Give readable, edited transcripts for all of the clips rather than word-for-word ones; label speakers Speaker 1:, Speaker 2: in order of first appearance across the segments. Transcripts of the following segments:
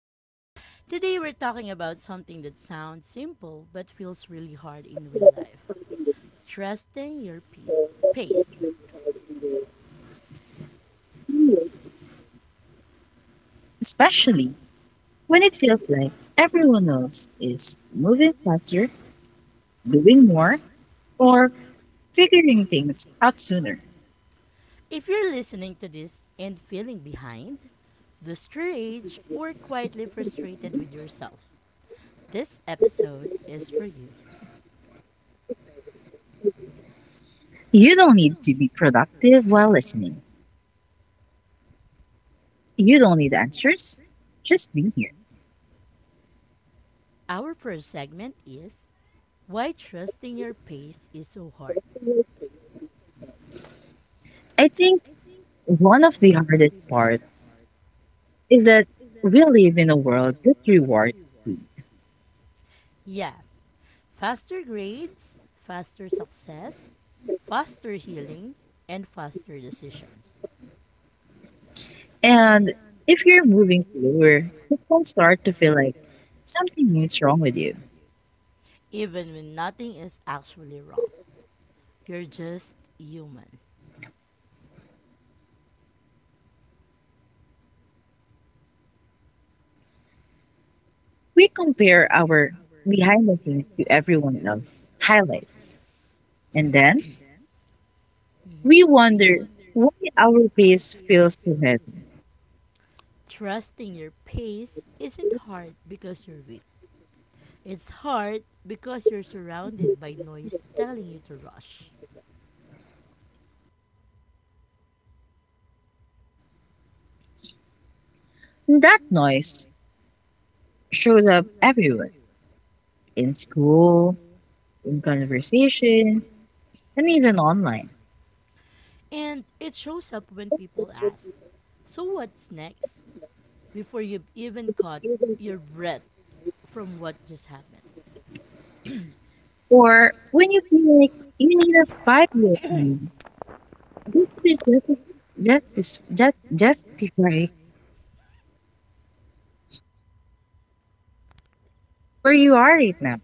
Speaker 1: And I'm Mara.
Speaker 2: Today
Speaker 1: We're
Speaker 2: we're
Speaker 1: glad
Speaker 2: talking
Speaker 1: you're
Speaker 2: about
Speaker 1: here today,
Speaker 2: something that sounds simple but feels really hard in real life, trusting your pace.
Speaker 1: especially when it feels like everyone else is moving faster, doing more, or figuring things out sooner.
Speaker 2: If you're listening to this and feeling behind, lost your age, or quietly frustrated with yourself, this episode is for you.
Speaker 1: You don't need to be productive while listening. You don't need answers. Just be here.
Speaker 2: Our first segment is Why Trusting Your Pace is So Hard.
Speaker 1: I think one of the hardest parts is that we live in a world with reward.
Speaker 2: Yeah, faster grades, faster success, faster healing, and faster decisions.
Speaker 1: And if you're moving slower, it can start to feel like something is wrong with you.
Speaker 2: Even when nothing is actually wrong, you're just human.
Speaker 1: We compare our behind the scenes to everyone else's highlights. And then
Speaker 2: Mm-hmm.
Speaker 1: we wonder why our pace feels too heavy.
Speaker 2: Trusting your pace isn't hard because you're weak. It's hard because you're surrounded by noise telling you to rush.
Speaker 1: That noise shows up everywhere, in school, in conversations, and even online.
Speaker 2: And it shows up when people ask, so what's next, before you've even caught your breath from what just happened.
Speaker 1: Or when you feel like you need a 5-year plan just to just, justify where you are right now.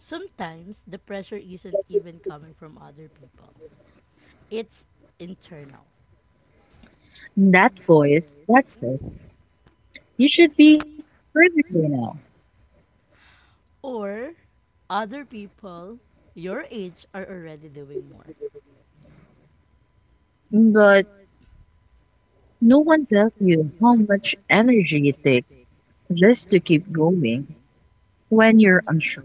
Speaker 2: Sometimes the pressure isn't even coming from other people, it's internal.
Speaker 1: That voice, that says, you should be further away now.
Speaker 2: Or other people your age are already doing more.
Speaker 1: But no one tells you how much energy it takes just to keep going when you're unsure.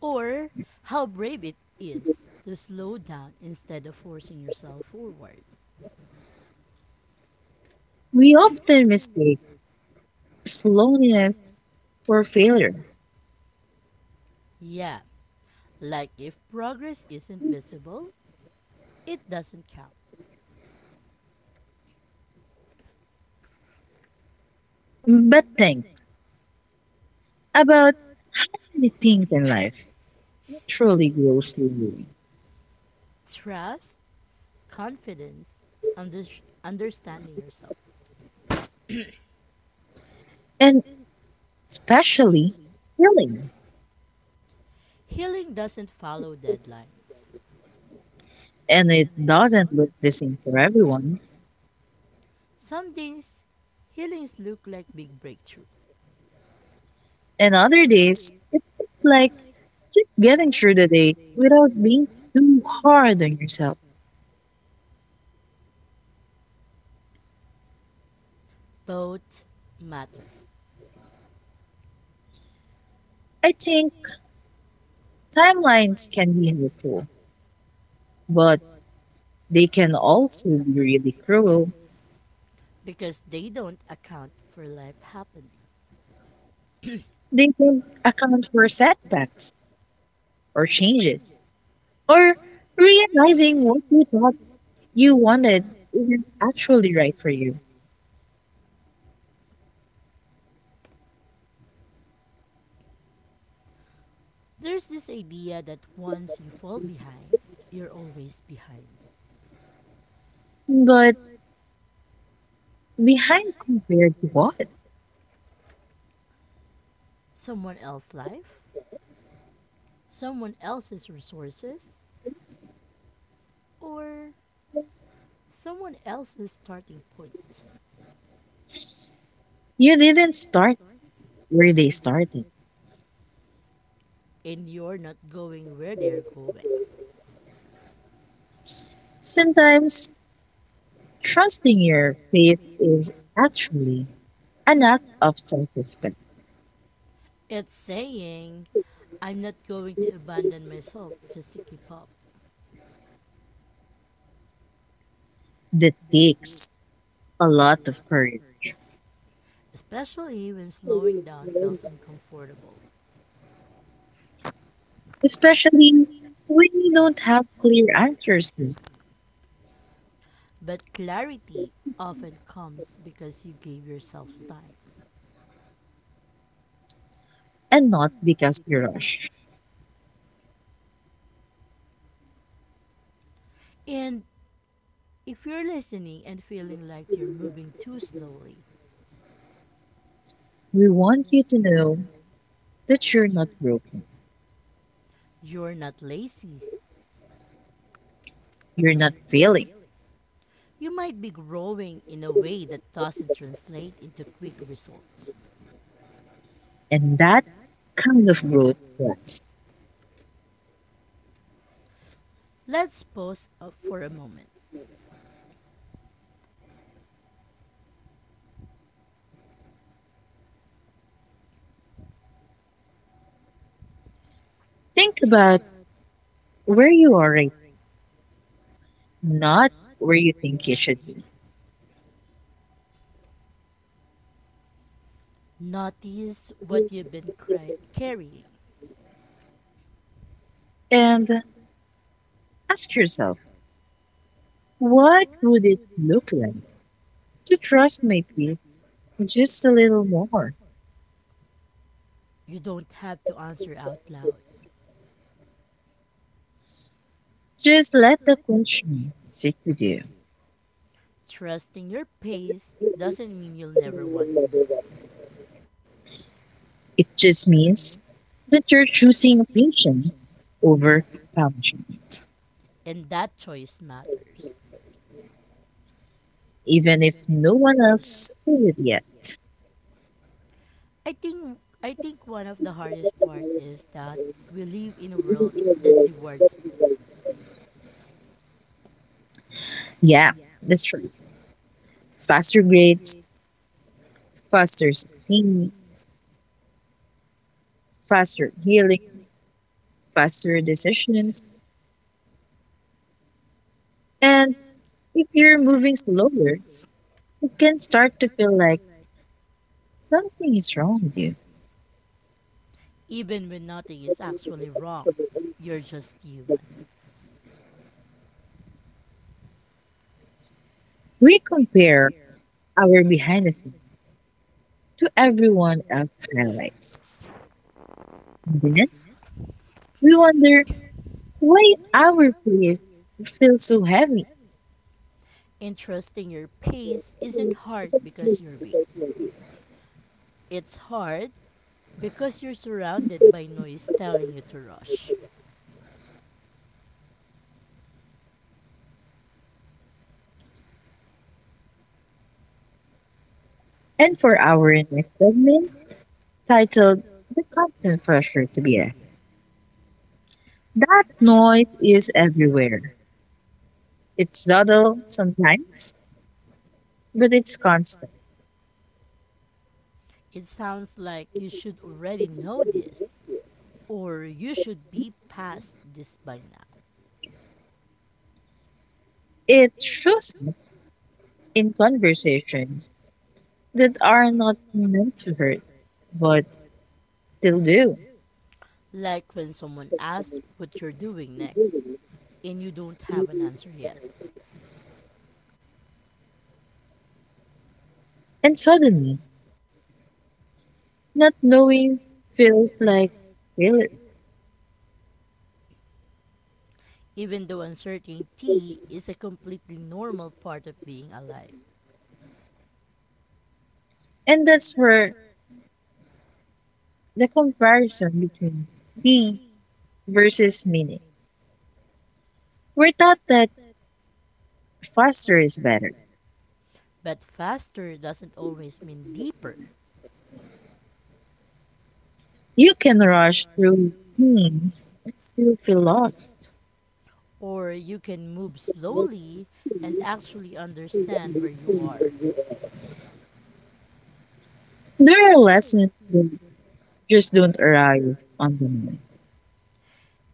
Speaker 2: Or how brave it is to slow down instead of forcing yourself forward.
Speaker 1: We often mistake slowness for failure.
Speaker 2: Yeah, like if progress isn't visible, it doesn't count.
Speaker 1: But think about the things in life that truly grow slowly.
Speaker 2: Trust, confidence, under- understanding yourself.
Speaker 1: And especially healing.
Speaker 2: Healing doesn't follow deadlines.
Speaker 1: And it doesn't look the same for everyone.
Speaker 2: Some days, healings look like big breakthrough.
Speaker 1: And other days, it's like just getting through the day without being too hard on yourself.
Speaker 2: Both matter
Speaker 1: I think timelines can be helpful, but they can also be really cruel.
Speaker 2: because they don't account for life happening.
Speaker 1: They don't account for setbacks or changes or realizing what you thought you wanted isn't actually right for you.
Speaker 2: There's this idea that once you fall behind, you're always behind.
Speaker 1: But behind compared to what?
Speaker 2: Someone else's life, someone else's resources, or someone else's starting point.
Speaker 1: You didn't start where they started.
Speaker 2: And you're not going where they're going.
Speaker 1: Sometimes trusting your faith is actually an act of self respect
Speaker 2: It's saying, I'm not going to abandon myself just to keep up,
Speaker 1: that takes a lot of courage,
Speaker 2: especially when slowing down feels uncomfortable.
Speaker 1: especially when you don't have clear answers
Speaker 2: But clarity often comes because you gave yourself time.
Speaker 1: and not because you rush.
Speaker 2: And if you're listening and feeling like you're moving too slowly,
Speaker 1: We want you to know that you're not broken,
Speaker 2: you're not lazy.
Speaker 1: you're not failing,
Speaker 2: You might be growing in a way that doesn't translate into quick results.
Speaker 1: and that kind of growth lasts.
Speaker 2: Let's pause for a moment.
Speaker 1: Think about where you are right now, not where you think you should be,
Speaker 2: Notice what you've been carrying.
Speaker 1: and ask yourself, what would it look like to trust my peace just a little more?
Speaker 2: You don't have to answer out loud.
Speaker 1: Just let the question sit with you.
Speaker 2: Trusting your pace doesn't mean you'll never want more,
Speaker 1: It just means that you're choosing patience over punishment,
Speaker 2: and that choice matters.
Speaker 1: even if no one else says it yet.
Speaker 2: I think one of the hardest part is that we live in a world that rewards speed,
Speaker 1: Yeah, that's true. Faster grades, faster succeeding, faster healing, faster decisions. And if you're moving slower, it can start to feel like something is wrong with you.
Speaker 2: even when nothing is actually wrong. You're just human.
Speaker 1: We compare our behind the scenes to everyone else's highlights. Then we wonder why our pace feels so heavy.
Speaker 2: And trusting your pace isn't hard because you're weak. It's hard because you're surrounded by noise telling you to rush.
Speaker 1: And for our next segment, titled The Constant Pressure to Be Ahead, that noise is everywhere. It's subtle sometimes, but it's constant.
Speaker 2: It sounds like you should already know this, or you should be past this by now.
Speaker 1: It shows up in conversations that are not meant to hurt, but still do.
Speaker 2: Like when someone asks what you're doing next, and you don't have an answer yet.
Speaker 1: And suddenly, not knowing feels like failure.
Speaker 2: Even though uncertainty is a completely normal part of being alive.
Speaker 1: And that's where the comparison between speed versus meaning. We're taught that faster is better.
Speaker 2: But faster doesn't always mean deeper.
Speaker 1: You can rush through things and still feel lost.
Speaker 2: Or you can move slowly and actually understand where you are.
Speaker 1: There are lessons that just don't arrive on the moment.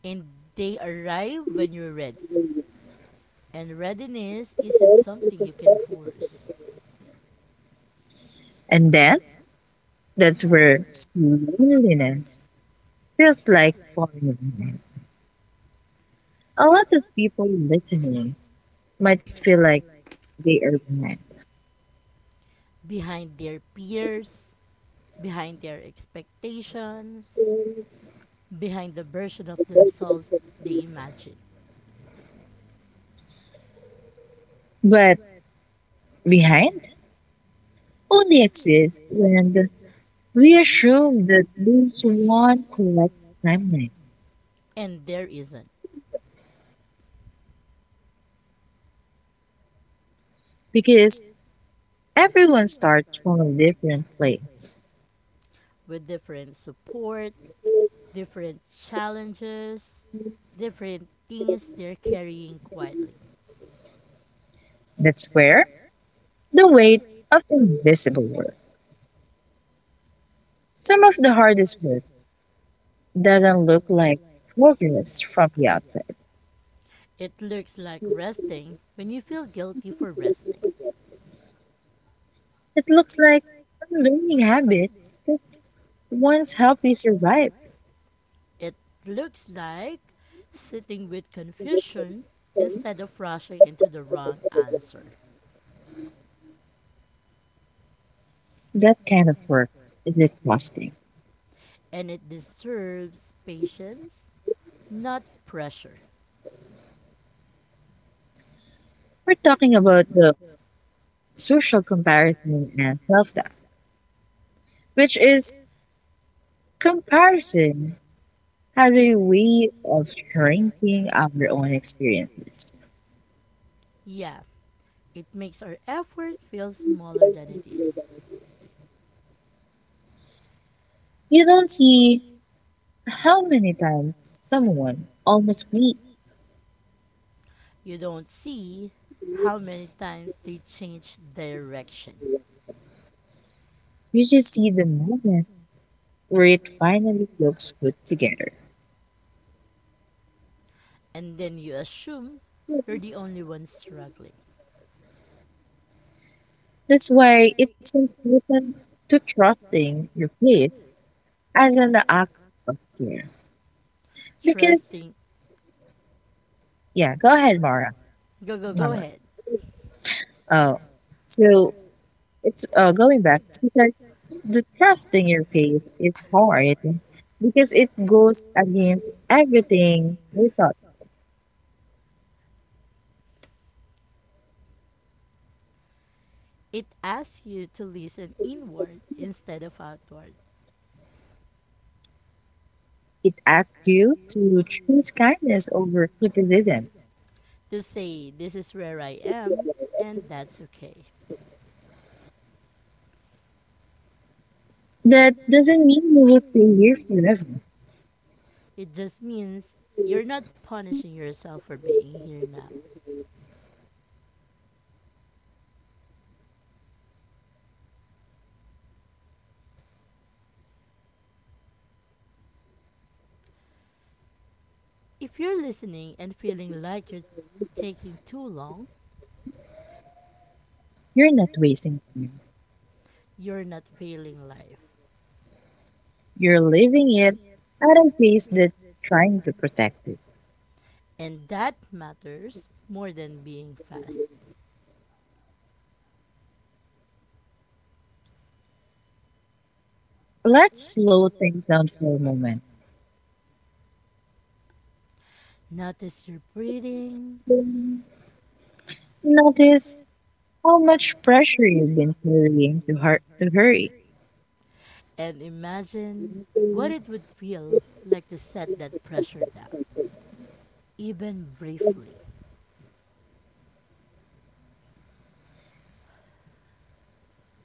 Speaker 2: And they arrive when you're ready. And readiness isn't something you can force.
Speaker 1: And then that's where loneliness feels like falling behind. A lot of people listening might feel like they are behind.
Speaker 2: Behind their peers, behind their expectations, behind the version of themselves they imagine.
Speaker 1: But behind only exists when we assume that there's one correct timeline,
Speaker 2: And there isn't.
Speaker 1: because everyone starts from a different place.
Speaker 2: With different support, different challenges, different things they're carrying quietly.
Speaker 1: That's where the weight of invisible work. Some of the hardest work doesn't look like progress from the outside.
Speaker 2: It looks like resting when you feel guilty for resting.
Speaker 1: It looks like unlearning habits that once helped me survive.
Speaker 2: It looks like sitting with confusion instead of rushing into the wrong answer.
Speaker 1: That kind of work is exhausting.
Speaker 2: And it deserves patience, not pressure.
Speaker 1: We're talking about the social comparison and self doubt, which is comparison has a way of shrinking our own experiences.
Speaker 2: Yeah, it makes our effort feel smaller than it is.
Speaker 1: You don't see how many times someone almost quit.
Speaker 2: You don't see how many times they change direction,
Speaker 1: You just see the moment where it finally looks put together.
Speaker 2: and then you assume you're the only one struggling.
Speaker 1: That's why it's important to trusting your place as an act of care. Because
Speaker 2: Trusting.
Speaker 1: yeah, go ahead, Mara.
Speaker 2: Go
Speaker 1: Mara.
Speaker 2: ahead.
Speaker 1: Oh, so it's going back, because the trusting your place is hard because it goes against everything we thought.
Speaker 2: It asks you to listen inward instead of outward.
Speaker 1: It asks you to choose kindness over criticism.
Speaker 2: To say, this is where I am, and that's okay.
Speaker 1: That doesn't mean you will stay here forever.
Speaker 2: It just means you're not punishing yourself for being here now. If you're listening and feeling like you're taking too long,
Speaker 1: You're not wasting time.
Speaker 2: you're not failing life.
Speaker 1: You're living it at a pace that's trying to protect it.
Speaker 2: And that matters more than being fast.
Speaker 1: Let's slow things down for a moment.
Speaker 2: Notice your breathing,
Speaker 1: Notice how much pressure you've been carrying to, to hurry.
Speaker 2: and imagine what it would feel like to set that pressure down, even briefly.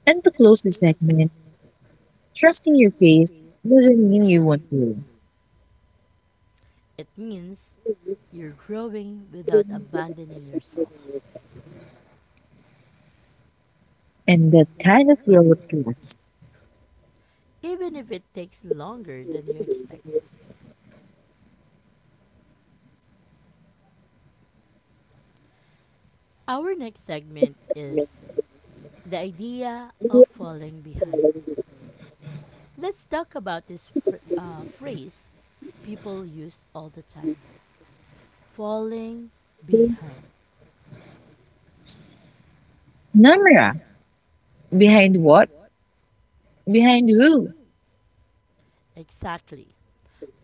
Speaker 1: And to close the segment, trusting your pace doesn't mean you won't grow.
Speaker 2: It means you're growing without abandoning yourself,
Speaker 1: And that kind of growth lasts.
Speaker 2: even if it takes longer than you expected. Our next segment is the idea of falling behind. Let's talk about this phrase people use all the time, falling behind.
Speaker 1: Numera, behind what? Behind who?
Speaker 2: Exactly.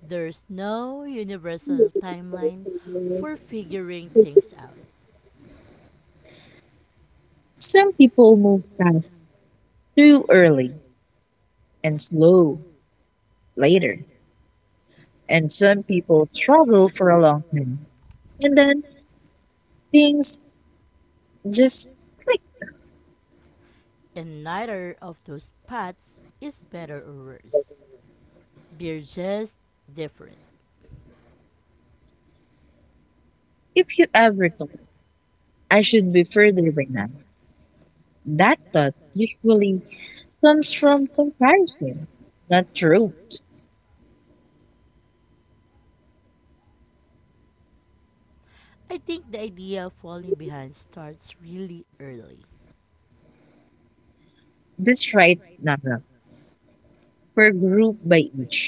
Speaker 2: There's no universal timeline for figuring things out,
Speaker 1: Some people move fast too early and slow later. And some people struggle for a long time. And then things just like,
Speaker 2: and neither of those paths is better or worse. They're just different.
Speaker 1: if you ever thought I should be further by now, that thought usually comes from comparison, not truth.
Speaker 2: I think the idea of falling behind starts really early.
Speaker 1: This right now, we're grouped by each,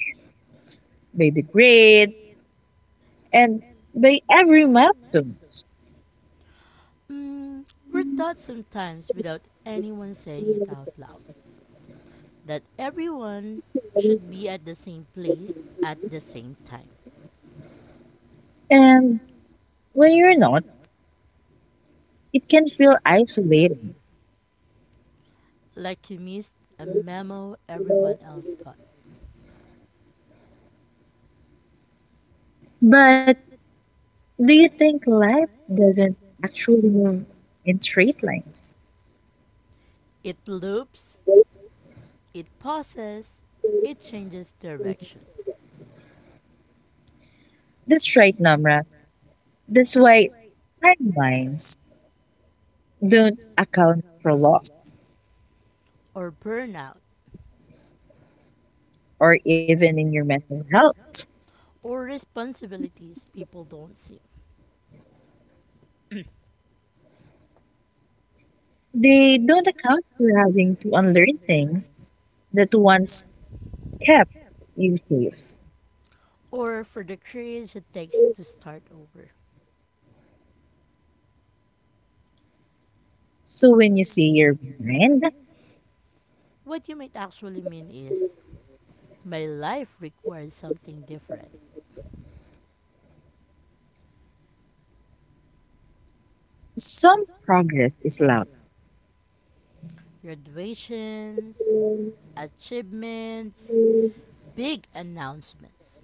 Speaker 1: by the grade, and by every milestone.
Speaker 2: Mm, we're taught, sometimes without anyone saying it out loud, that everyone should be at the same place at the same time.
Speaker 1: And when you're not, it can feel isolating.
Speaker 2: Like you missed a memo everyone else got.
Speaker 1: But do you think life doesn't actually move in straight lines?
Speaker 2: It loops. It pauses, it changes direction,
Speaker 1: That's right, Namra. That's why timelines don't account for loss
Speaker 2: or burnout,
Speaker 1: or even in your mental health.
Speaker 2: or responsibilities people don't see,
Speaker 1: They don't account for having to unlearn things that once kept you safe.
Speaker 2: or for the courage it takes to start over.
Speaker 1: So when you see your mind,
Speaker 2: What you might actually mean is, my life requires something different.
Speaker 1: some progress is loud
Speaker 2: Graduations, achievements, big announcements,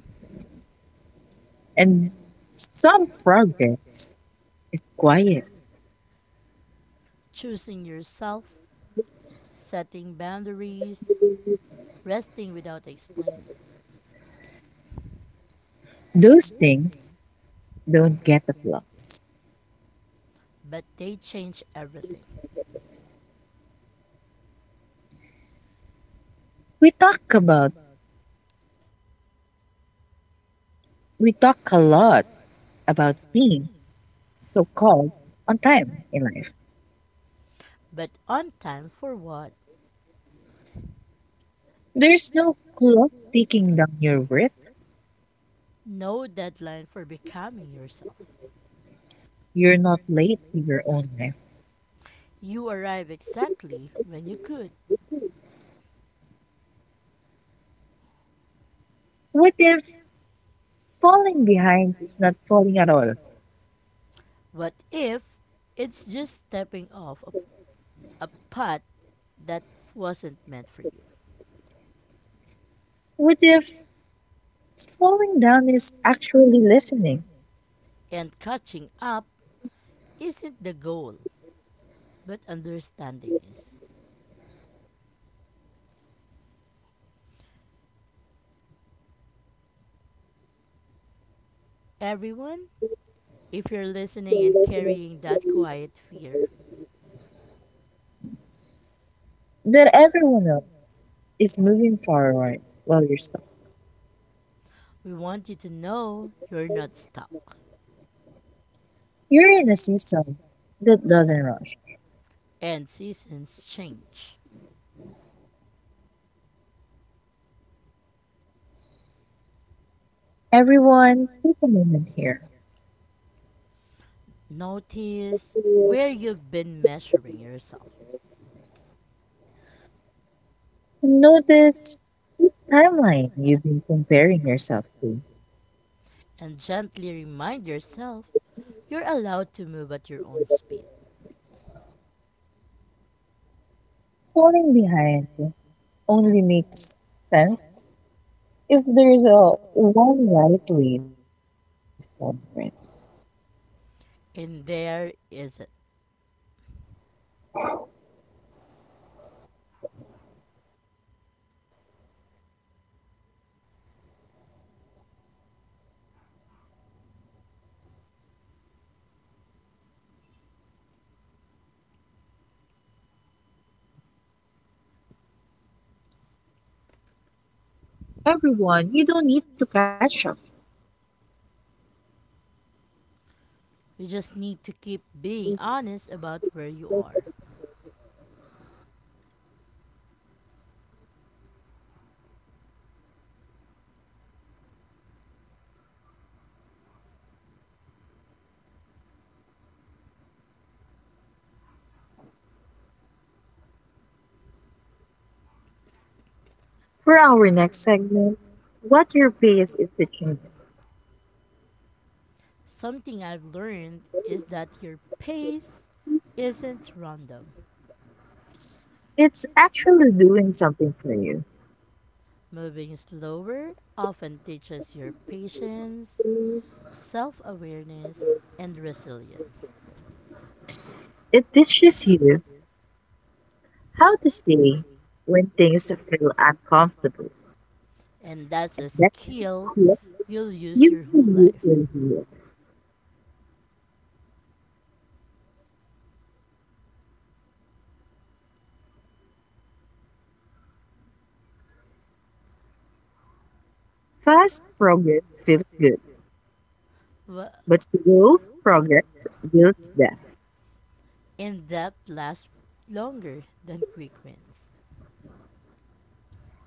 Speaker 1: and some progress is quiet.
Speaker 2: choosing yourself, setting boundaries, resting without explaining.
Speaker 1: Those things don't get applause.
Speaker 2: But they change everything.
Speaker 1: We talk about we talk a lot about being so called on time in life.
Speaker 2: But on time for what?
Speaker 1: There's no clock ticking down your worth.
Speaker 2: No deadline for becoming yourself.
Speaker 1: You're not late to your own life.
Speaker 2: You arrive exactly when you could.
Speaker 1: What if falling behind is not falling at all?
Speaker 2: What if it's just stepping off of a path that wasn't meant for you?
Speaker 1: What if slowing down is actually listening?
Speaker 2: And catching up isn't the goal, but understanding is. Everyone, if you're listening and carrying that quiet fear,
Speaker 1: That everyone else is moving forward while you're stuck.
Speaker 2: we want you to know you're not stuck.
Speaker 1: You're in a season that doesn't rush.
Speaker 2: And seasons change.
Speaker 1: Everyone, take a moment here.
Speaker 2: Notice where you've been measuring yourself,
Speaker 1: Notice timeline you've been comparing yourself to.
Speaker 2: and gently remind yourself you're allowed to move at your own speed.
Speaker 1: Falling behind only makes sense if there's a one right way for it,
Speaker 2: And there isn't.
Speaker 1: and they're just your way. Everyone, you don't need to catch up.
Speaker 2: You just need to keep being honest about where you are.
Speaker 1: For our next segment, what your pay is the change.
Speaker 2: Something I've learned is that your pace isn't random.
Speaker 1: It's actually doing something for you.
Speaker 2: Moving slower often teaches your patience, self awareness, and resilience.
Speaker 1: It teaches you how to stay when things feel uncomfortable.
Speaker 2: And that's a
Speaker 1: That
Speaker 2: skill
Speaker 1: clip
Speaker 2: you'll use
Speaker 1: you
Speaker 2: your whole
Speaker 1: can use
Speaker 2: life.
Speaker 1: your view. Fast progress feels good,
Speaker 2: Wha-
Speaker 1: but slow progress builds death.
Speaker 2: In depth lasts longer than quick wins.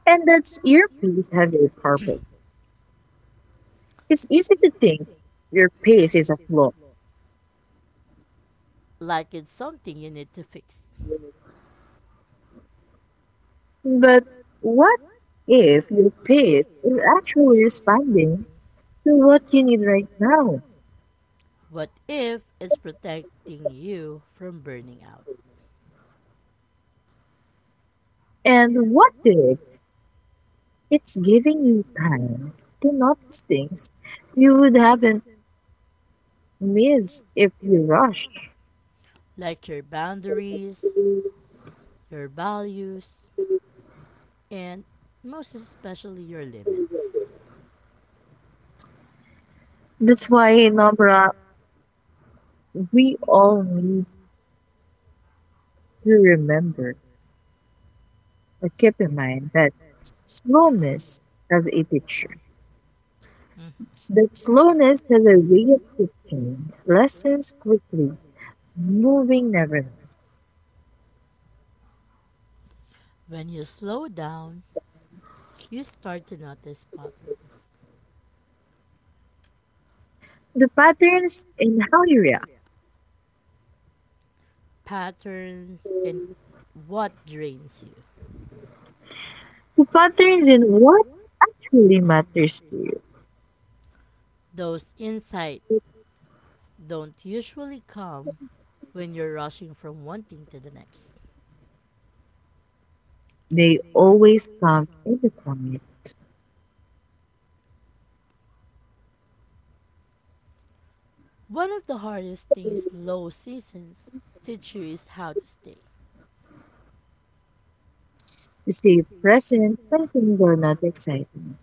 Speaker 1: And that's your piece has a purpose. It's easy to think your pace is a flaw,
Speaker 2: Like it's something you need to fix.
Speaker 1: but what if your pace is actually responding to what you need right now?
Speaker 2: What if it's protecting you from burning out?
Speaker 1: And what if it's giving you time to notice things you would haven't missed if you rushed?
Speaker 2: Like your boundaries, your values, and most especially your limits.
Speaker 1: That's why, Nobra, we all need to remember and keep in mind that slowness has a picture.
Speaker 2: Mm-hmm.
Speaker 1: That slowness has a way of shifting lessons quickly, moving nevertheless.
Speaker 2: When you slow down, you start to notice patterns.
Speaker 1: The patterns in how you react,
Speaker 2: Patterns in what drains you.
Speaker 1: the patterns in what actually matters to you,
Speaker 2: Those insights don't usually come when you're rushing from one thing to the next.
Speaker 1: they always come in the quiet.
Speaker 2: One of the hardest things low seasons teach you is how to stay,
Speaker 1: To stay present when things are not exciting.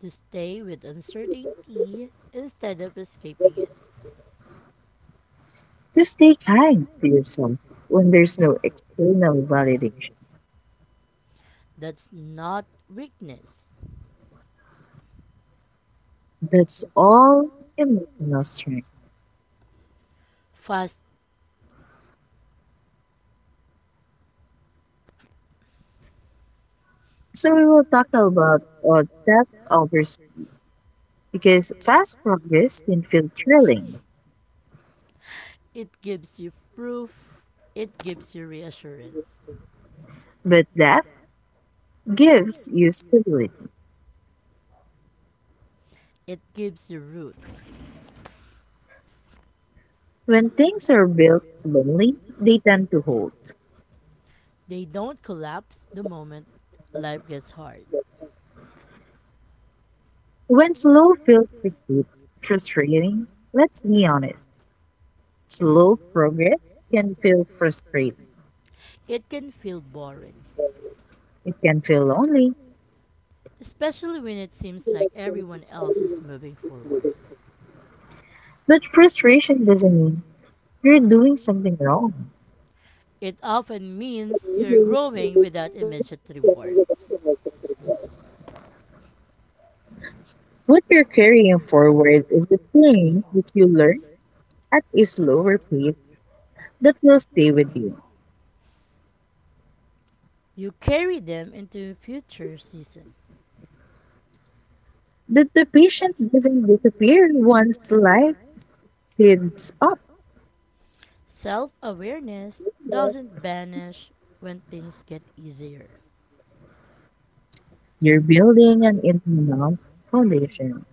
Speaker 2: to stay with uncertainty instead of escaping it.
Speaker 1: To stay kind to yourself when there's no external validation.
Speaker 2: That's not weakness.
Speaker 1: That's all emotional strength.
Speaker 2: Fast,
Speaker 1: So we will talk about depth over, because fast progress can feel thrilling,
Speaker 2: it gives you proof, it gives you reassurance,
Speaker 1: but depth gives you stability.
Speaker 2: it gives you roots.
Speaker 1: When things are built slowly, they tend to hold.
Speaker 2: They don't collapse the moment life gets hard.
Speaker 1: When slow feels frustrating, let's be honest, slow progress can feel frustrating.
Speaker 2: It can feel boring,
Speaker 1: It can feel lonely,
Speaker 2: especially when it seems like everyone else is moving forward.
Speaker 1: but frustration doesn't mean you're doing something wrong.
Speaker 2: It often means you're growing without immediate rewards.
Speaker 1: What you're carrying forward is the thing that you learn at a slower pace that will stay with you.
Speaker 2: You carry them into future seasons.
Speaker 1: That the patient doesn't disappear once life speeds up.
Speaker 2: Self awareness doesn't vanish when things get easier.
Speaker 1: You're building an internal foundation.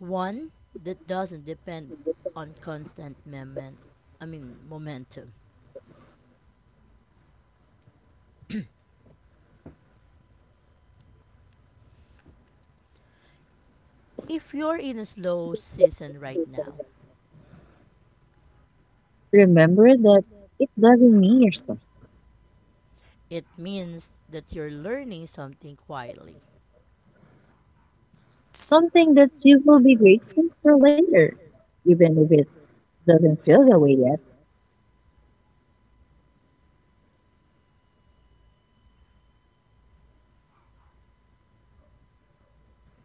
Speaker 2: One that doesn't depend on constant momentum. If you're in a slow season right now,
Speaker 1: Remember that it doesn't mean you're stuck.
Speaker 2: it means that you're learning something quietly.
Speaker 1: Something that you will be grateful for later, even if it doesn't feel that way yet.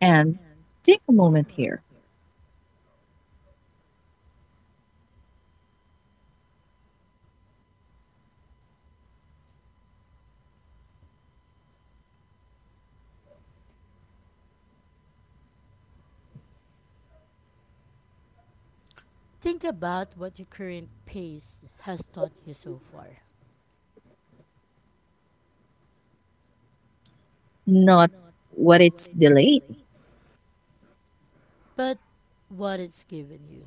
Speaker 1: And take a moment here.
Speaker 2: Think about what your current pace has taught you so far,
Speaker 1: Not what it's delayed.
Speaker 2: but what it's given you.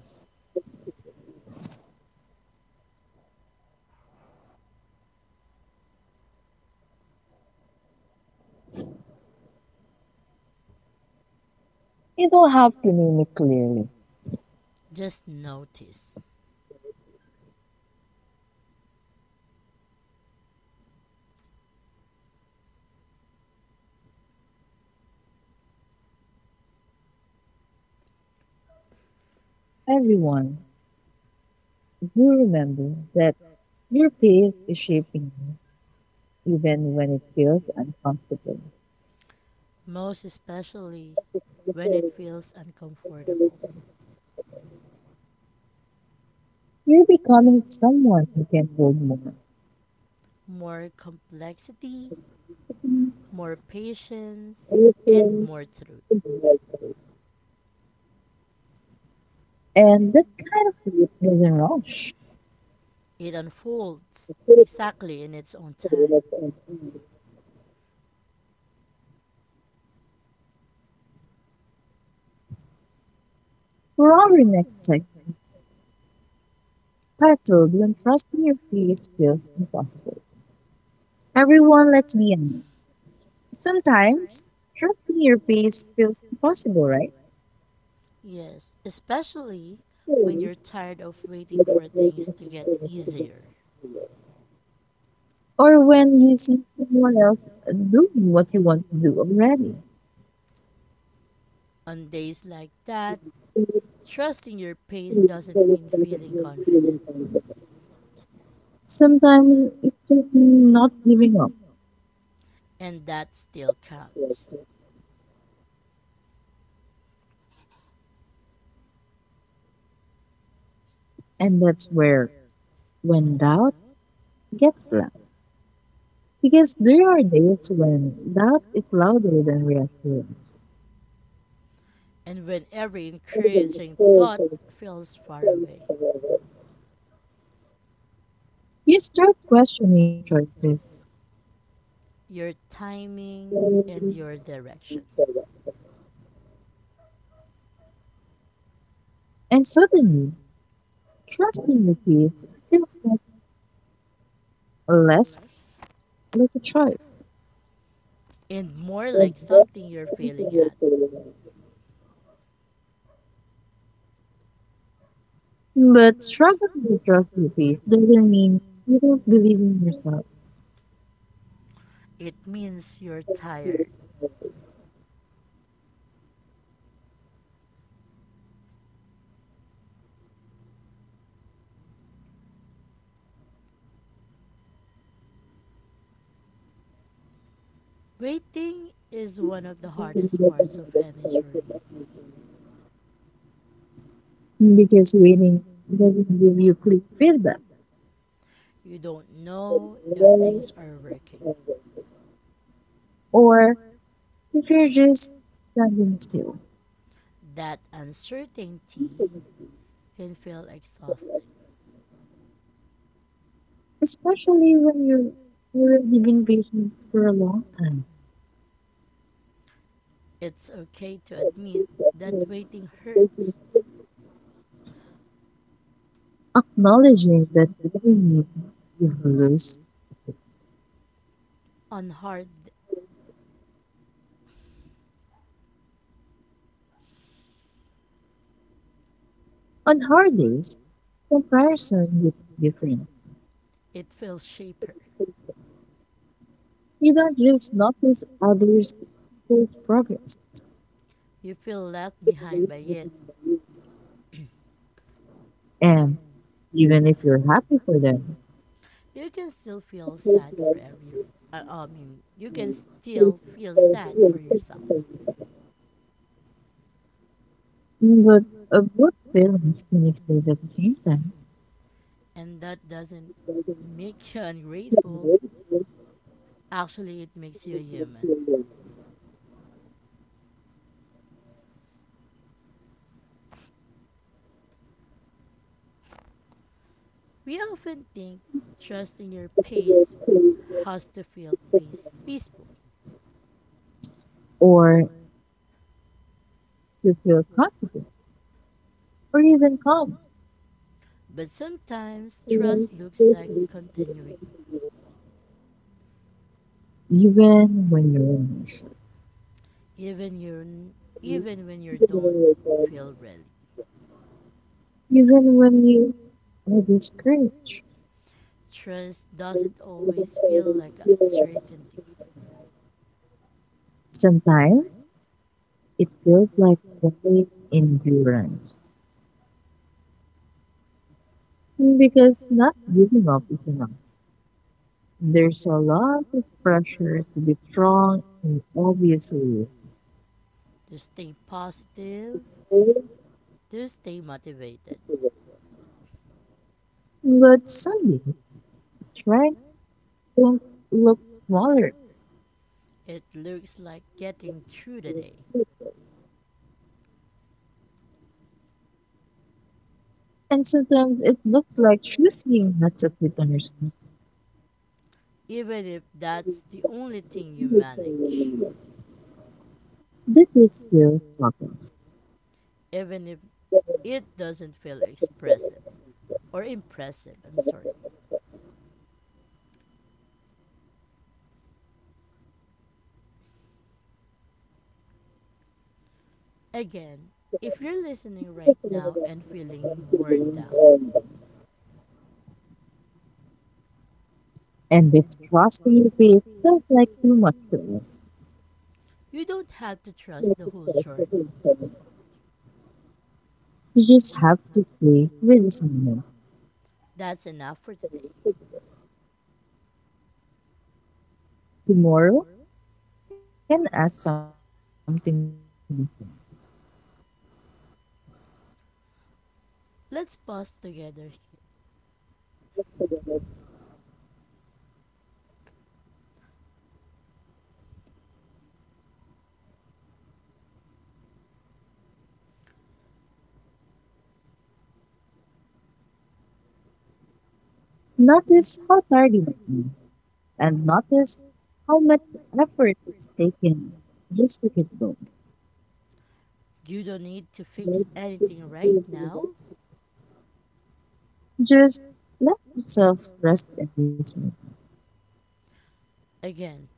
Speaker 1: You don't have to name it clearly.
Speaker 2: Just notice,
Speaker 1: Everyone, do remember that your pace is shaping you, even when it feels uncomfortable.
Speaker 2: most especially when it feels uncomfortable.
Speaker 1: You're becoming someone who can hold more.
Speaker 2: More complexity more patience, and more truth.
Speaker 1: And that kind of belief doesn't rush.
Speaker 2: It unfolds exactly in its own time.
Speaker 1: For our next segment, titled When Trusting Your Face Feels Impossible. Everyone, let's be honest. Sometimes, trusting your face feels impossible, right?
Speaker 2: Yes, especially when you're tired of waiting for things to get easier.
Speaker 1: Or when you see someone else doing what you want to do already.
Speaker 2: On days like that, trusting your pace doesn't mean feeling confident,
Speaker 1: Sometimes it's just not giving up.
Speaker 2: and that still counts.
Speaker 1: And that's where, when doubt gets loud. Because there are days when doubt is louder than reassurance.
Speaker 2: And when every encouraging thought feels far away,
Speaker 1: You start questioning your choices,
Speaker 2: your timing and your direction,
Speaker 1: and suddenly, trusting the peace feels like less like a choice.
Speaker 2: and more like something you're failing at,
Speaker 1: But struggling to trust your peace doesn't mean you don't believe in yourself.
Speaker 2: it means you're tired. Waiting is one of the hardest parts of any journey.
Speaker 1: Because waiting doesn't give you clear feedback,
Speaker 2: You don't know if things are working.
Speaker 1: or if you're just standing still,
Speaker 2: That uncertainty can feel exhausting.
Speaker 1: especially when you've already been patient for a long time.
Speaker 2: It's okay to admit that waiting hurts.
Speaker 1: Acknowledging that winning you lose
Speaker 2: On hard,
Speaker 1: on hard days, comparison with different.
Speaker 2: it feels shaper.
Speaker 1: You don't just notice others' people's progress,
Speaker 2: You feel left behind by it.
Speaker 1: and even if you're happy for them,
Speaker 2: You can still feel sad for you can still feel sad for yourself,
Speaker 1: but both feelings can exist at the same time,
Speaker 2: and that doesn't make you ungrateful. Actually, it makes you a human. We often think trusting your pace has to feel peaceful,
Speaker 1: or to feel confident, or even calm,
Speaker 2: but sometimes
Speaker 1: even
Speaker 2: trust looks like continuing,
Speaker 1: when you're in a shock,
Speaker 2: even you even when you don't feel ready.
Speaker 1: even when you are discouraged.
Speaker 2: Trust doesn't always feel like a certainty.
Speaker 1: Sometimes it feels like quiet endurance, because not giving up is enough. There's a lot of pressure to be strong in obvious ways,
Speaker 2: To stay positive, to stay motivated,
Speaker 1: but suddenly strength can look smaller,
Speaker 2: it looks like getting through the day,
Speaker 1: and sometimes it looks like choosing not to quit on yourself.
Speaker 2: even if that's the only thing you manage,
Speaker 1: This is still progress.
Speaker 2: even if it doesn't feel expressive. Or impressive. I'm sorry. Again, if you're listening right now and feeling worn down,
Speaker 1: And if trusting your faith feels like too much to us,
Speaker 2: you don't have to trust the whole
Speaker 1: you
Speaker 2: journey.
Speaker 1: just have to play with this moment.
Speaker 2: That's enough for today.
Speaker 1: Tomorrow can ask something.
Speaker 2: Let's pause together here.
Speaker 1: Notice how tired you might be, and notice how much effort it's taken just to keep going.
Speaker 2: You don't need to fix anything right now.
Speaker 1: Just let yourself rest in this moment.
Speaker 2: Again,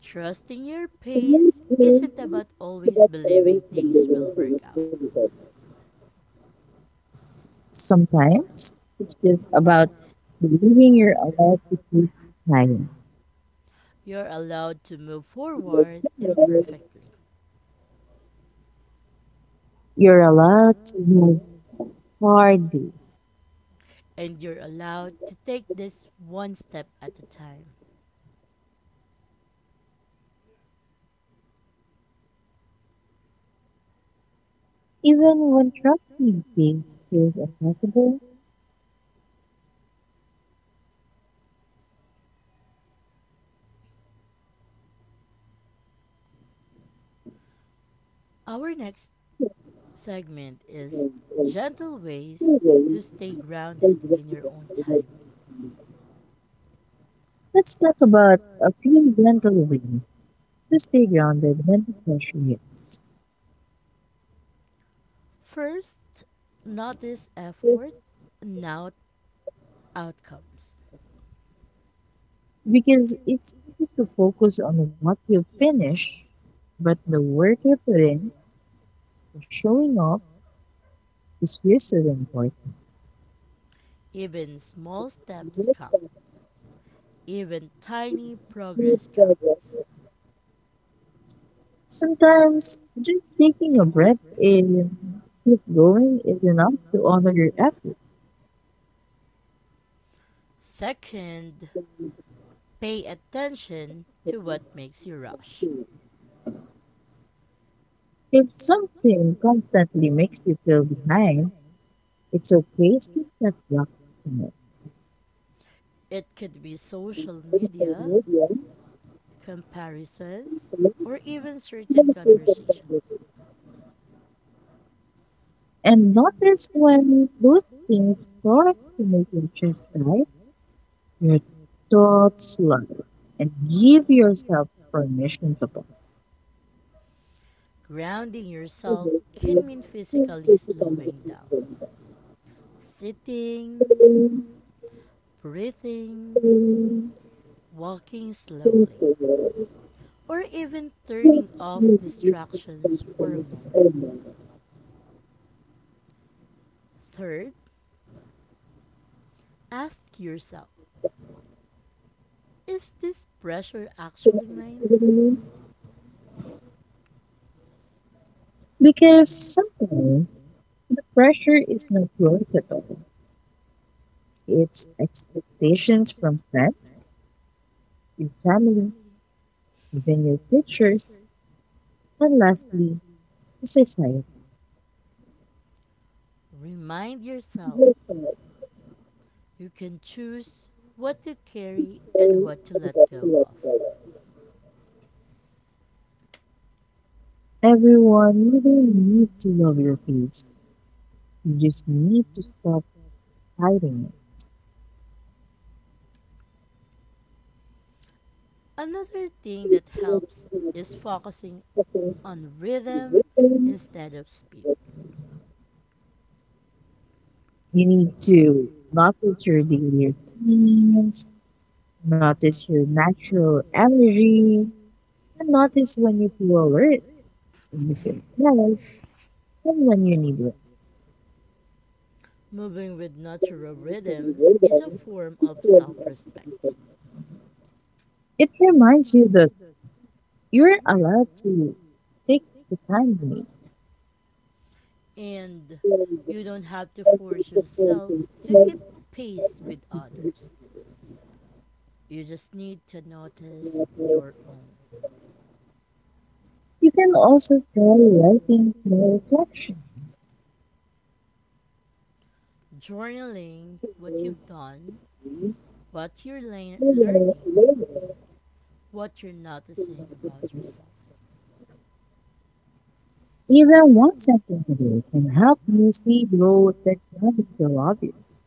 Speaker 2: trusting your pace isn't about always believing things will work out.
Speaker 1: Sometimes it's just about believing you're allowed to keep trying.
Speaker 2: You're allowed to move forward imperfectly,
Speaker 1: You're allowed to have hard days,
Speaker 2: and you're allowed to take this one step at a time.
Speaker 1: even when trying things feels impossible.
Speaker 2: Our next segment is
Speaker 1: Let's
Speaker 2: gentle ways to stay grounded in your own timing.
Speaker 1: talk about a few mental wins to stay grounded when the pressure hits.
Speaker 2: First, notice effort, not outcomes.
Speaker 1: Because it's easy to focus on what you finish, but the work you put in, the showing up, is just as important.
Speaker 2: Even small steps count. Even tiny progress counts.
Speaker 1: Sometimes just taking a breath and keep going is enough to honor your effort.
Speaker 2: Second, pay attention to what makes you rush.
Speaker 1: If something constantly makes you feel behind, it's a place to step back from it
Speaker 2: It could be social media, comparisons, or even certain conversations.
Speaker 1: and notice when those things start to make you just right, your thoughts slow, and give yourself permission to pause.
Speaker 2: Grounding yourself can mean physically slowing down, sitting, breathing, walking slowly, or even turning off distractions for a moment. Third, ask yourself, is this pressure actually mine?
Speaker 1: Because sometimes the pressure is not yours at all. It's expectations from friends, your family, even your teachers, and lastly, the society.
Speaker 2: Remind yourself you can choose what to carry and what to let go of.
Speaker 1: Everyone, you don't need to love your face. You just need to stop hiding
Speaker 2: Another thing that
Speaker 1: it.
Speaker 2: helps is focusing on rhythm instead of speed.
Speaker 1: You need to notice your daily routines, notice your natural energy, and notice when you feel alert, when you feel tired, and when you need rest.
Speaker 2: Moving with natural rhythm is a form of self respect,
Speaker 1: It reminds you that you're allowed to take the time you need.
Speaker 2: and you don't have to force yourself to keep pace with others. You just need to notice your own.
Speaker 1: You can also try writing your reflections.
Speaker 2: Journaling what you've done, what you're learning, what you're noticing about yourself.
Speaker 1: Even one sentence a day can help you see growth that doesn't feel obvious.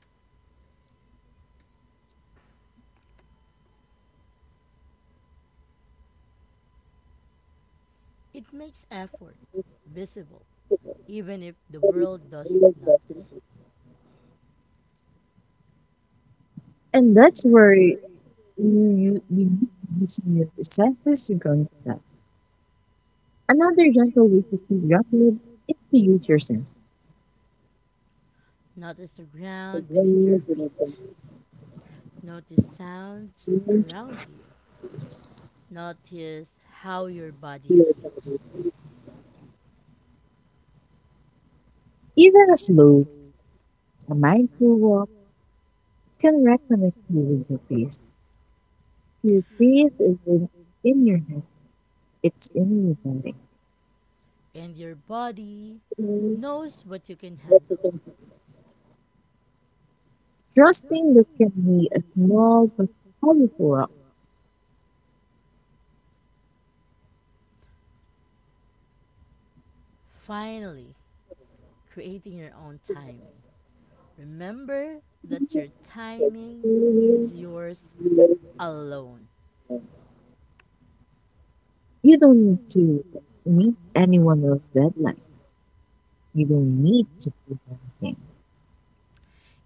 Speaker 2: It makes effort visible, even if the world doesn't not-
Speaker 1: And that's where you need to use your senses to go inside. Another gentle way to feel grounded is to use your senses.
Speaker 2: notice the ground beneath your feet. Notice sounds around you. Notice how your body feels.
Speaker 1: Even a slow, a mindful walk can reconnect you with your peace. Your peace isn't in your head, it's in your body.
Speaker 2: And your body knows what you can handle.
Speaker 1: Trusting that can be a small but powerful act.
Speaker 2: Finally, creating your own timing. Remember that your timing
Speaker 1: You
Speaker 2: is yours alone.
Speaker 1: don't need to meet anyone else's deadline. You don't need to prove anything.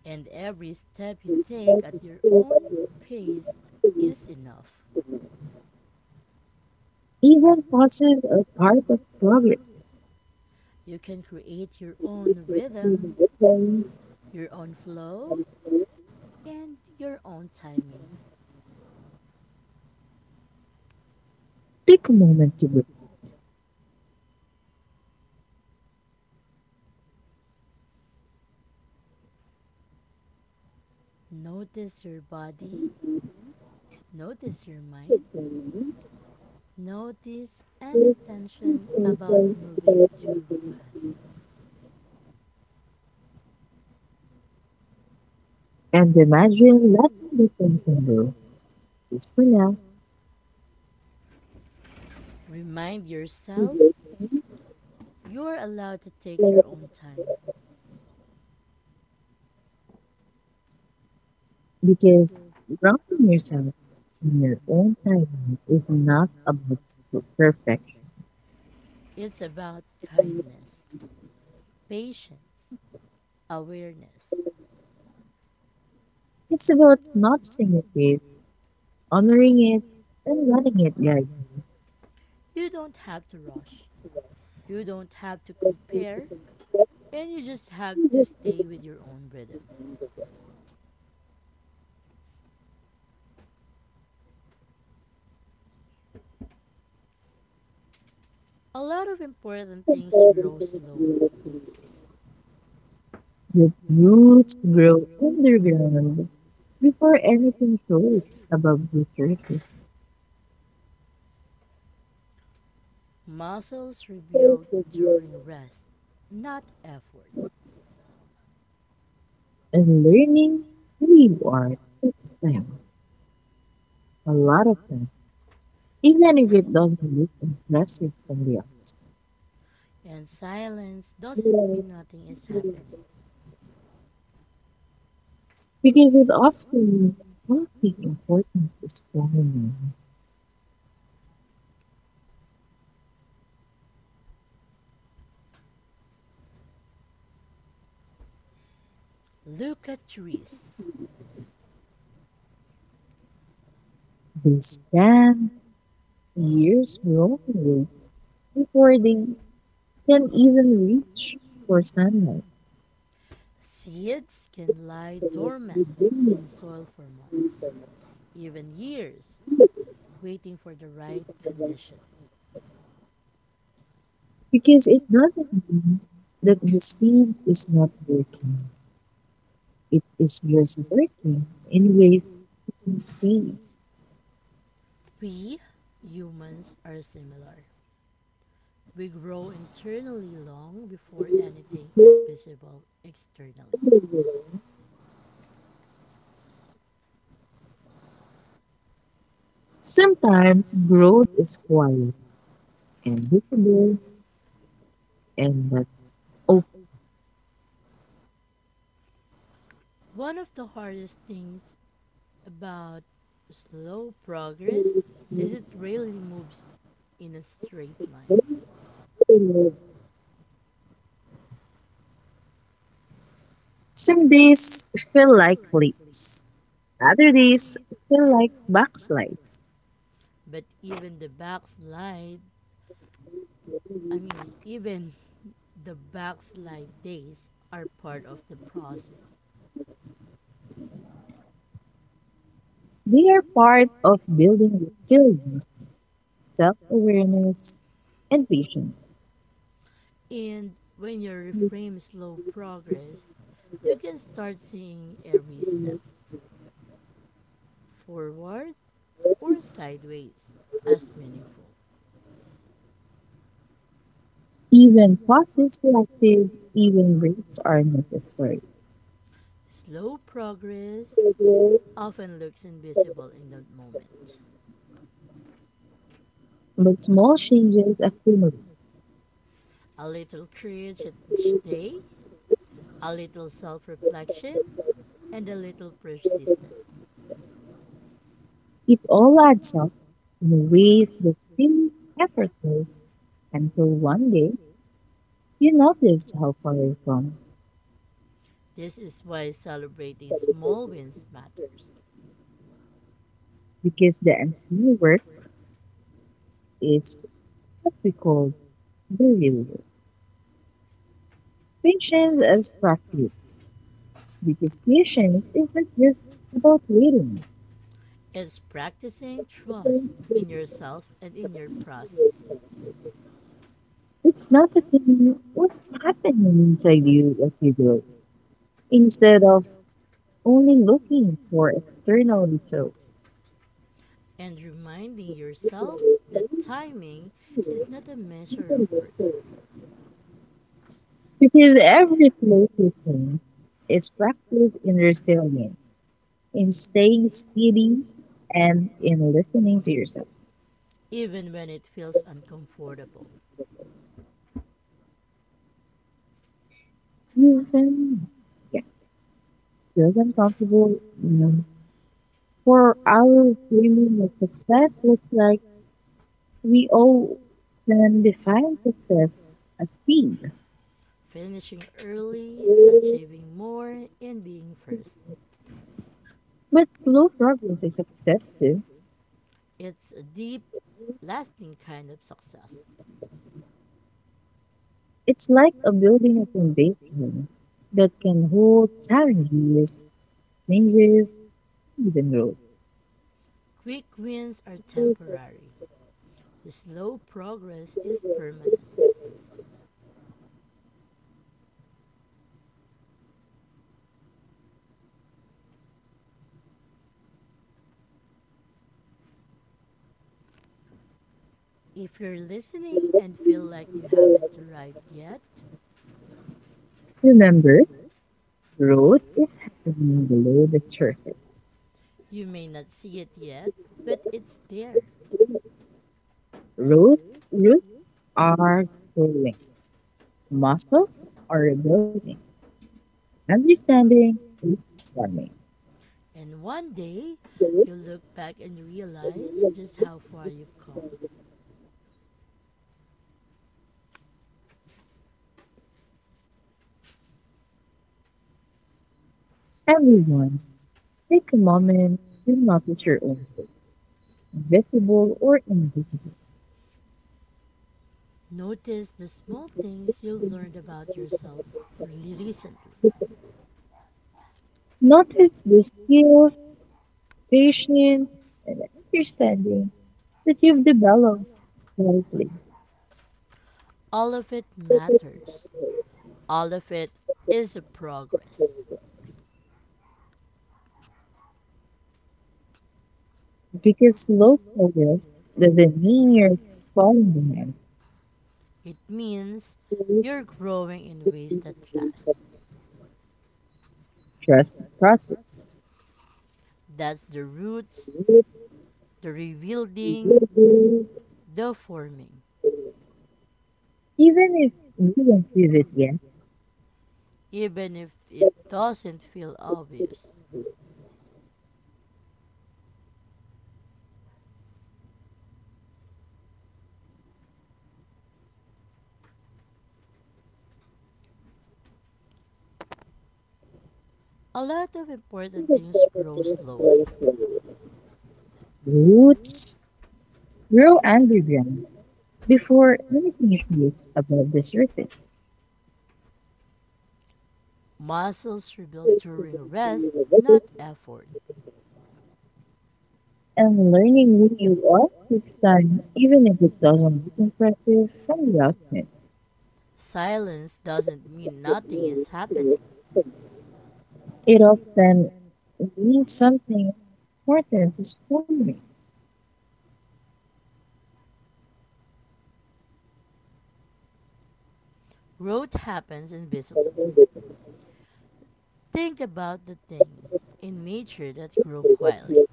Speaker 2: And every step you take at your own pace is enough.
Speaker 1: Even pauses are part of progress.
Speaker 2: You can create your own rhythm, your own flow, and your own timing.
Speaker 1: Take a moment to
Speaker 2: Notice your body, notice your mind, notice any tension about
Speaker 1: breathe
Speaker 2: moving too fast.
Speaker 1: and imagine letting the tension go just for now
Speaker 2: Remind yourself you are allowed to take your own time.
Speaker 1: because grounding yourself in your own timing is not about per- perfection.
Speaker 2: It's about kindness, patience, awareness.
Speaker 1: It's about noticing your pace, honoring it, and letting it guide.
Speaker 2: You don't have to rush. You don't have to compare, and you just have to stay with your own rhythm. A lot of important things grow slowly.
Speaker 1: You. The roots grow underground before anything shows above the surface.
Speaker 2: Muscles rebuild during rest, not effort.
Speaker 1: And learning reward takes time, a lot of time, even if it doesn't look impressive from the
Speaker 2: And silence
Speaker 1: outside,
Speaker 2: doesn't mean nothing is happening.
Speaker 1: because it often means something important is going.
Speaker 2: Look at trees.
Speaker 1: They spend years growing roots before they can even reach for sunlight
Speaker 2: Seeds can lie dormant in soil for months, even years, waiting for the right condition.
Speaker 1: because it doesn't mean that the seed is not working. It is just working in ways you can see
Speaker 2: We humans are similar. We grow internally long before anything
Speaker 1: clearly.
Speaker 2: is visible externally.
Speaker 1: Sometimes growth is quiet and visible and that's
Speaker 2: One of the hardest things about slow progress is it rarely moves in a
Speaker 1: okay.
Speaker 2: straight line.
Speaker 1: Some days feel like leaps. Other days feel like backslides.
Speaker 2: But even the backslide, I mean, even the backslide days are part of the process.
Speaker 1: They are part of building resilience, self-awareness, and patience.
Speaker 2: And when you reframe slow progress, you can start seeing every step, forward or sideways, as meaningful.
Speaker 1: Even pauses selective, even breaks are necessary.
Speaker 2: Slow progress often looks invisible in the moment.
Speaker 1: But small changes accumulate.
Speaker 2: A little courage each day, a little self reflection, and a little persistence.
Speaker 1: It all adds up in ways that feel effortless until one day you notice how far you've come.
Speaker 2: This is why celebrating small wins matters.
Speaker 1: Because the unseen work is what we call the real work. Patience is practice because patience is not just about waiting.
Speaker 2: Is practicing trust in yourself and in your process,
Speaker 1: It's noticing what's happening inside you as you grow, instead of only looking for external results.
Speaker 2: and reminding yourself that timing is not a measure of worth,
Speaker 1: Because every play routine is practice in resilience, in staying steady, and in listening to yourself.
Speaker 2: even when it feels uncomfortable.
Speaker 1: Even yeah, feels uncomfortable. You know, for our dreaming of success looks like we all can define success as speed,
Speaker 2: Finishing early, achieving more, and being first.
Speaker 1: but slow progress is success too.
Speaker 2: It's a deep, lasting kind of success.
Speaker 1: It's like a building a foundation that can hold challenges, changes, even growth.
Speaker 2: Quick wins are temporary. Slow progress is permanent. If you're listening and feel like you haven't arrived yet,
Speaker 1: Remember, growth is happening below the surface.
Speaker 2: you may not see it yet, but it's there.
Speaker 1: Root, roots are growing. Muscles are rebuilding. Understanding is forming.
Speaker 2: And one day, you'll look back and realize just how far you've come.
Speaker 1: Everyone, take a moment to notice your own visible or invisible.
Speaker 2: Notice the small things you've learned about yourself really recently.
Speaker 1: Notice the skills, patience, and understanding that you've developed lately.
Speaker 2: All of it matters. All of it is a progress.
Speaker 1: Because slow progress doesn't mean you're falling behind.
Speaker 2: It means you're growing in ways that last.
Speaker 1: Trust the process.
Speaker 2: That's the roots, the rebuilding, the forming,
Speaker 1: Even if no one sees it yet,
Speaker 2: even if it doesn't feel obvious. A lot of important things grow slowly.
Speaker 1: roots grow underground before anything appears above the surface.
Speaker 2: Muscles rebuild during rest, not effort.
Speaker 1: And learning who you are takes time, even if it doesn't look impressive from the outset.
Speaker 2: Silence doesn't mean nothing is happening.
Speaker 1: It often means something important is forming.
Speaker 2: Growth happens invisibly. Think about the things in nature that grow quietly.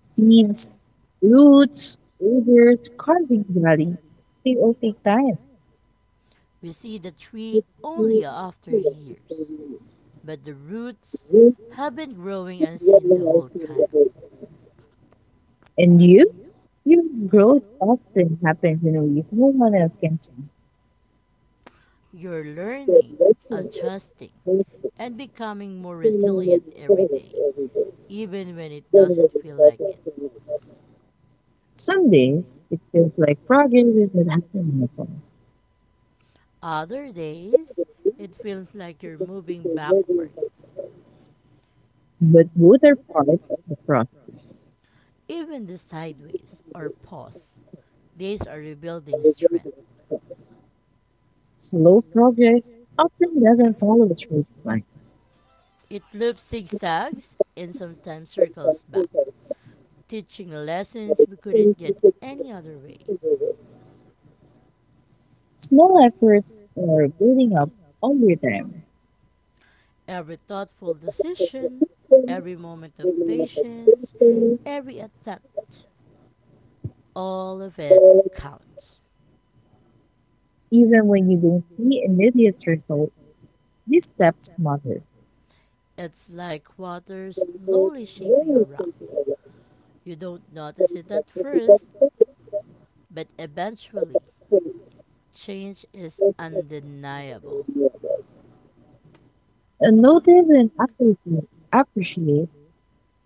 Speaker 1: Seeds, roots, rivers, carving valleys, they all take time.
Speaker 2: We see the tree only after years, but the roots
Speaker 1: Live
Speaker 2: have been growing
Speaker 1: your
Speaker 2: unseen the
Speaker 1: life
Speaker 2: whole
Speaker 1: to
Speaker 2: time.
Speaker 1: the. And you? Your growth often happens in ways no one else can see.
Speaker 2: You're
Speaker 1: The
Speaker 2: learning,
Speaker 1: lesson is
Speaker 2: adjusting,
Speaker 1: basic,
Speaker 2: and becoming more
Speaker 1: feeling what
Speaker 2: resilient
Speaker 1: you
Speaker 2: every
Speaker 1: feel
Speaker 2: day,
Speaker 1: every day,
Speaker 2: even when it
Speaker 1: getting what
Speaker 2: doesn't
Speaker 1: you
Speaker 2: feel
Speaker 1: felt
Speaker 2: like it.
Speaker 1: every day. Some days, it feels like progress is not happening at all.
Speaker 2: Other
Speaker 1: Other
Speaker 2: days,
Speaker 1: days,
Speaker 2: it feels like you're
Speaker 1: it
Speaker 2: moving
Speaker 1: feels like negative.
Speaker 2: backward,
Speaker 1: But both are part of the process.
Speaker 2: even the sideways or pause. Days are rebuilding
Speaker 1: Behavior
Speaker 2: strength.
Speaker 1: and resentment. Slow progress often doesn't follow the straight line.
Speaker 2: It loops zigzags and sometimes
Speaker 1: Sometimes,
Speaker 2: circles back,
Speaker 1: sometimes,
Speaker 2: teaching lessons
Speaker 1: like,
Speaker 2: we
Speaker 1: things
Speaker 2: couldn't
Speaker 1: we
Speaker 2: get any other way.
Speaker 1: could do. Small efforts are building up over time.
Speaker 2: Every thoughtful decision,
Speaker 1: Persistence,
Speaker 2: every moment of patience,
Speaker 1: determination,
Speaker 2: every attempt, all of it
Speaker 1: and
Speaker 2: counts.
Speaker 1: even when you don't see immediate results, these steps matter.
Speaker 2: It's like water slowly shaping a rock. You don't notice it at first, but eventually, change is undeniable.
Speaker 1: And notice and appreciate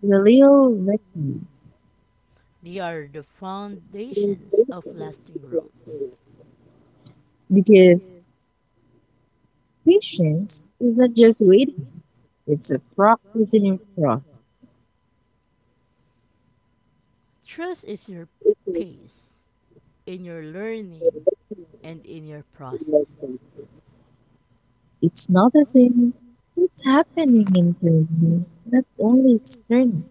Speaker 1: the little victory.
Speaker 2: They are the foundations of lasting growth.
Speaker 1: Because patience is not just waiting, it's a practicing process.
Speaker 2: Trust is your pace in your learning and in your process.
Speaker 1: It's noticing what's happening inside me, not only external.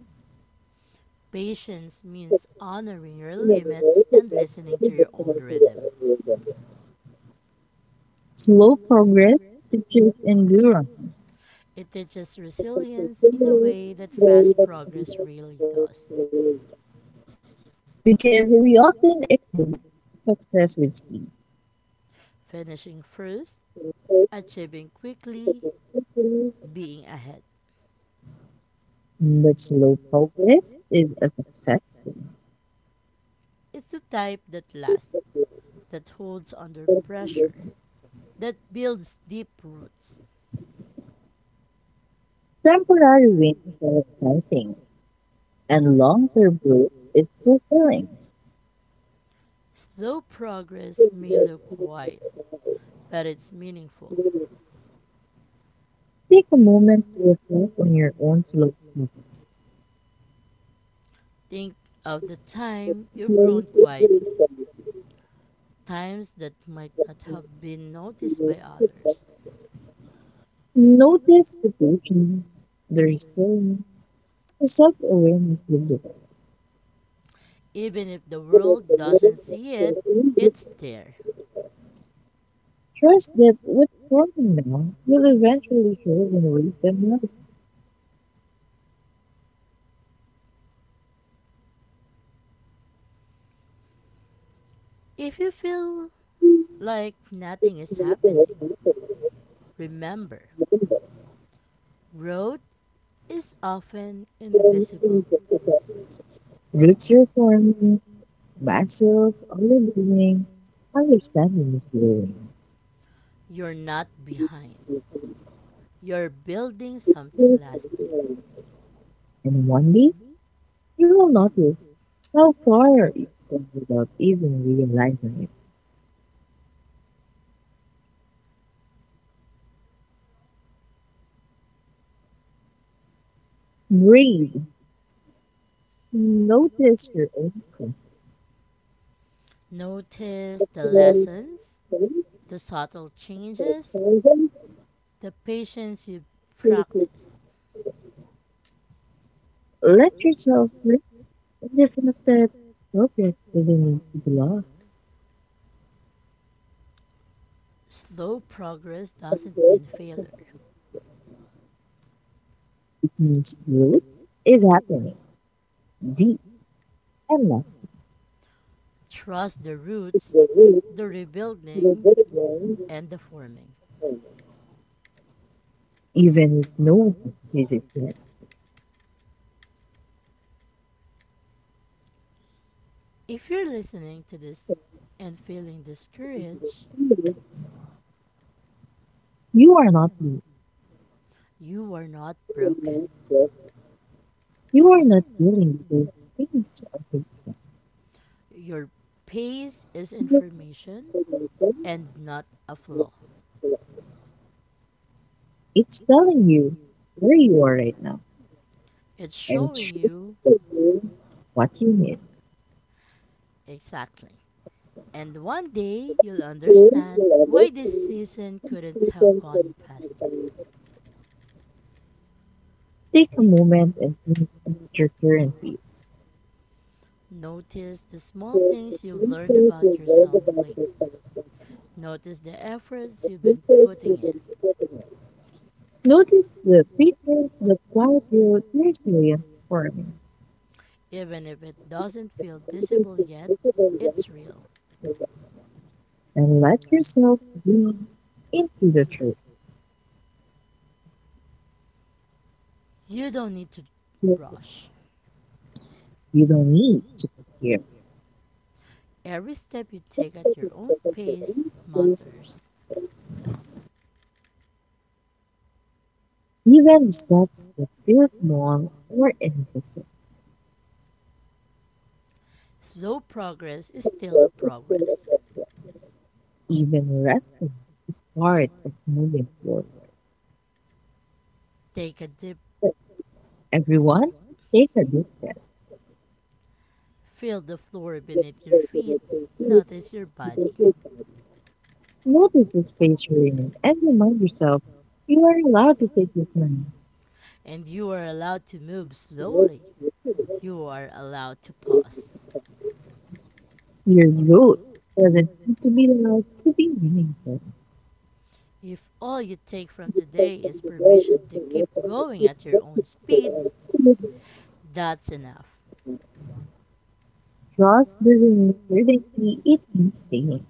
Speaker 2: Patience means honoring your limits and listening to your own rhythm.
Speaker 1: Slow progress teaches endurance
Speaker 2: It teaches resilience in a way that fast progress really does.
Speaker 1: because we often equate success with speed,
Speaker 2: Finishing first, achieving quickly, being ahead.
Speaker 1: but slow progress is a success.
Speaker 2: It's the type that lasts, that holds under pressure, that builds deep roots.
Speaker 1: Temporary wins are exciting, and long-term growth is fulfilling.
Speaker 2: Slow progress may look quiet, but it's meaningful.
Speaker 1: Take a moment to reflect on your own flow habits.
Speaker 2: Think of the time you've grown quietly, times that might not have been noticed by others.
Speaker 1: Notice the patience, the resilience, the self awareness you develop.
Speaker 2: Even if the world doesn't see it, it's there.
Speaker 1: Trust that what's forming now will eventually show in ways that matter.
Speaker 2: If you feel like nothing is happening, remember growth is often invisible.
Speaker 1: Roots are forming, muscles are learning, understanding is growing.
Speaker 2: You're not behind. You're building
Speaker 1: And
Speaker 2: something lasting.
Speaker 1: one day, you will notice how far you've come without even realizing it. Breathe. Notice your own breath.
Speaker 2: Notice the lessons, the subtle changes, the patience you practice.
Speaker 1: Let yourself live in the fact that progress doesn't need to be lost.
Speaker 2: Slow progress doesn't mean failure.
Speaker 1: It means growth is happening deep and lasting,
Speaker 2: Trust the roots, the rebuilding, and the forming.
Speaker 1: even if no one sees it yet.
Speaker 2: If you're listening to this and feeling discouraged,
Speaker 1: You are not losing.
Speaker 2: you are not
Speaker 1: You are not
Speaker 2: broken.
Speaker 1: deaf. You are not things.
Speaker 2: Your pace is information and not a flaw.
Speaker 1: It's telling you where you are right now,
Speaker 2: It's
Speaker 1: and it
Speaker 2: showing
Speaker 1: should
Speaker 2: you
Speaker 1: tell you what you need.
Speaker 2: exactly. And one day you'll understand why this season couldn't have gone faster.
Speaker 1: Take a moment and think about your current peace.
Speaker 2: Notice the small
Speaker 1: The
Speaker 2: things you've learned
Speaker 1: future.
Speaker 2: about yourself lately. Notice the efforts
Speaker 1: The
Speaker 2: you've been
Speaker 1: future.
Speaker 2: putting in.
Speaker 1: Notice the feedback, the quiet you're experiencing forming.
Speaker 2: Even if it doesn't feel visible yet, it's
Speaker 1: Right,
Speaker 2: real.
Speaker 1: and let yourself be into the truth.
Speaker 2: You don't need to rush.
Speaker 1: You don't need to compare.
Speaker 2: Every step you take at your own pace matters.
Speaker 1: Even the steps that feel small or invisible.
Speaker 2: Slow progress is still a progress.
Speaker 1: Even resting is part of moving forward.
Speaker 2: Take a dip,
Speaker 1: Everyone, take a deep breath.
Speaker 2: feel the floor beneath your feet, notice your body,
Speaker 1: Notice the space you're in and remind yourself you are allowed to take your time.
Speaker 2: and you are allowed to move slowly. You are allowed to pause.
Speaker 1: Your route doesn't need to be loud to be meaningful.
Speaker 2: If all you take from today is permission to keep going at your own speed, that's enough.
Speaker 1: Trust doesn't really mean certainty, it means staying,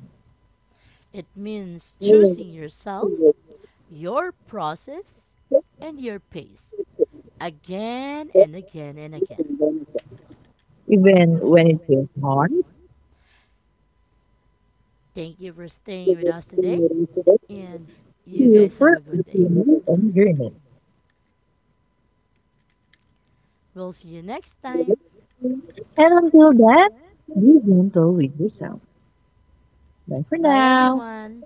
Speaker 2: It means choosing yourself, your process, and your pace again and again and again.
Speaker 1: even when it feels hard.
Speaker 2: Thank you for staying with us today,
Speaker 1: You
Speaker 2: and you guys have a good
Speaker 1: firmly
Speaker 2: day.
Speaker 1: believe and journey.
Speaker 2: We'll see you next time.
Speaker 1: And until then, be gentle with yourself. Bye for
Speaker 2: Bye,
Speaker 1: now.
Speaker 2: everyone.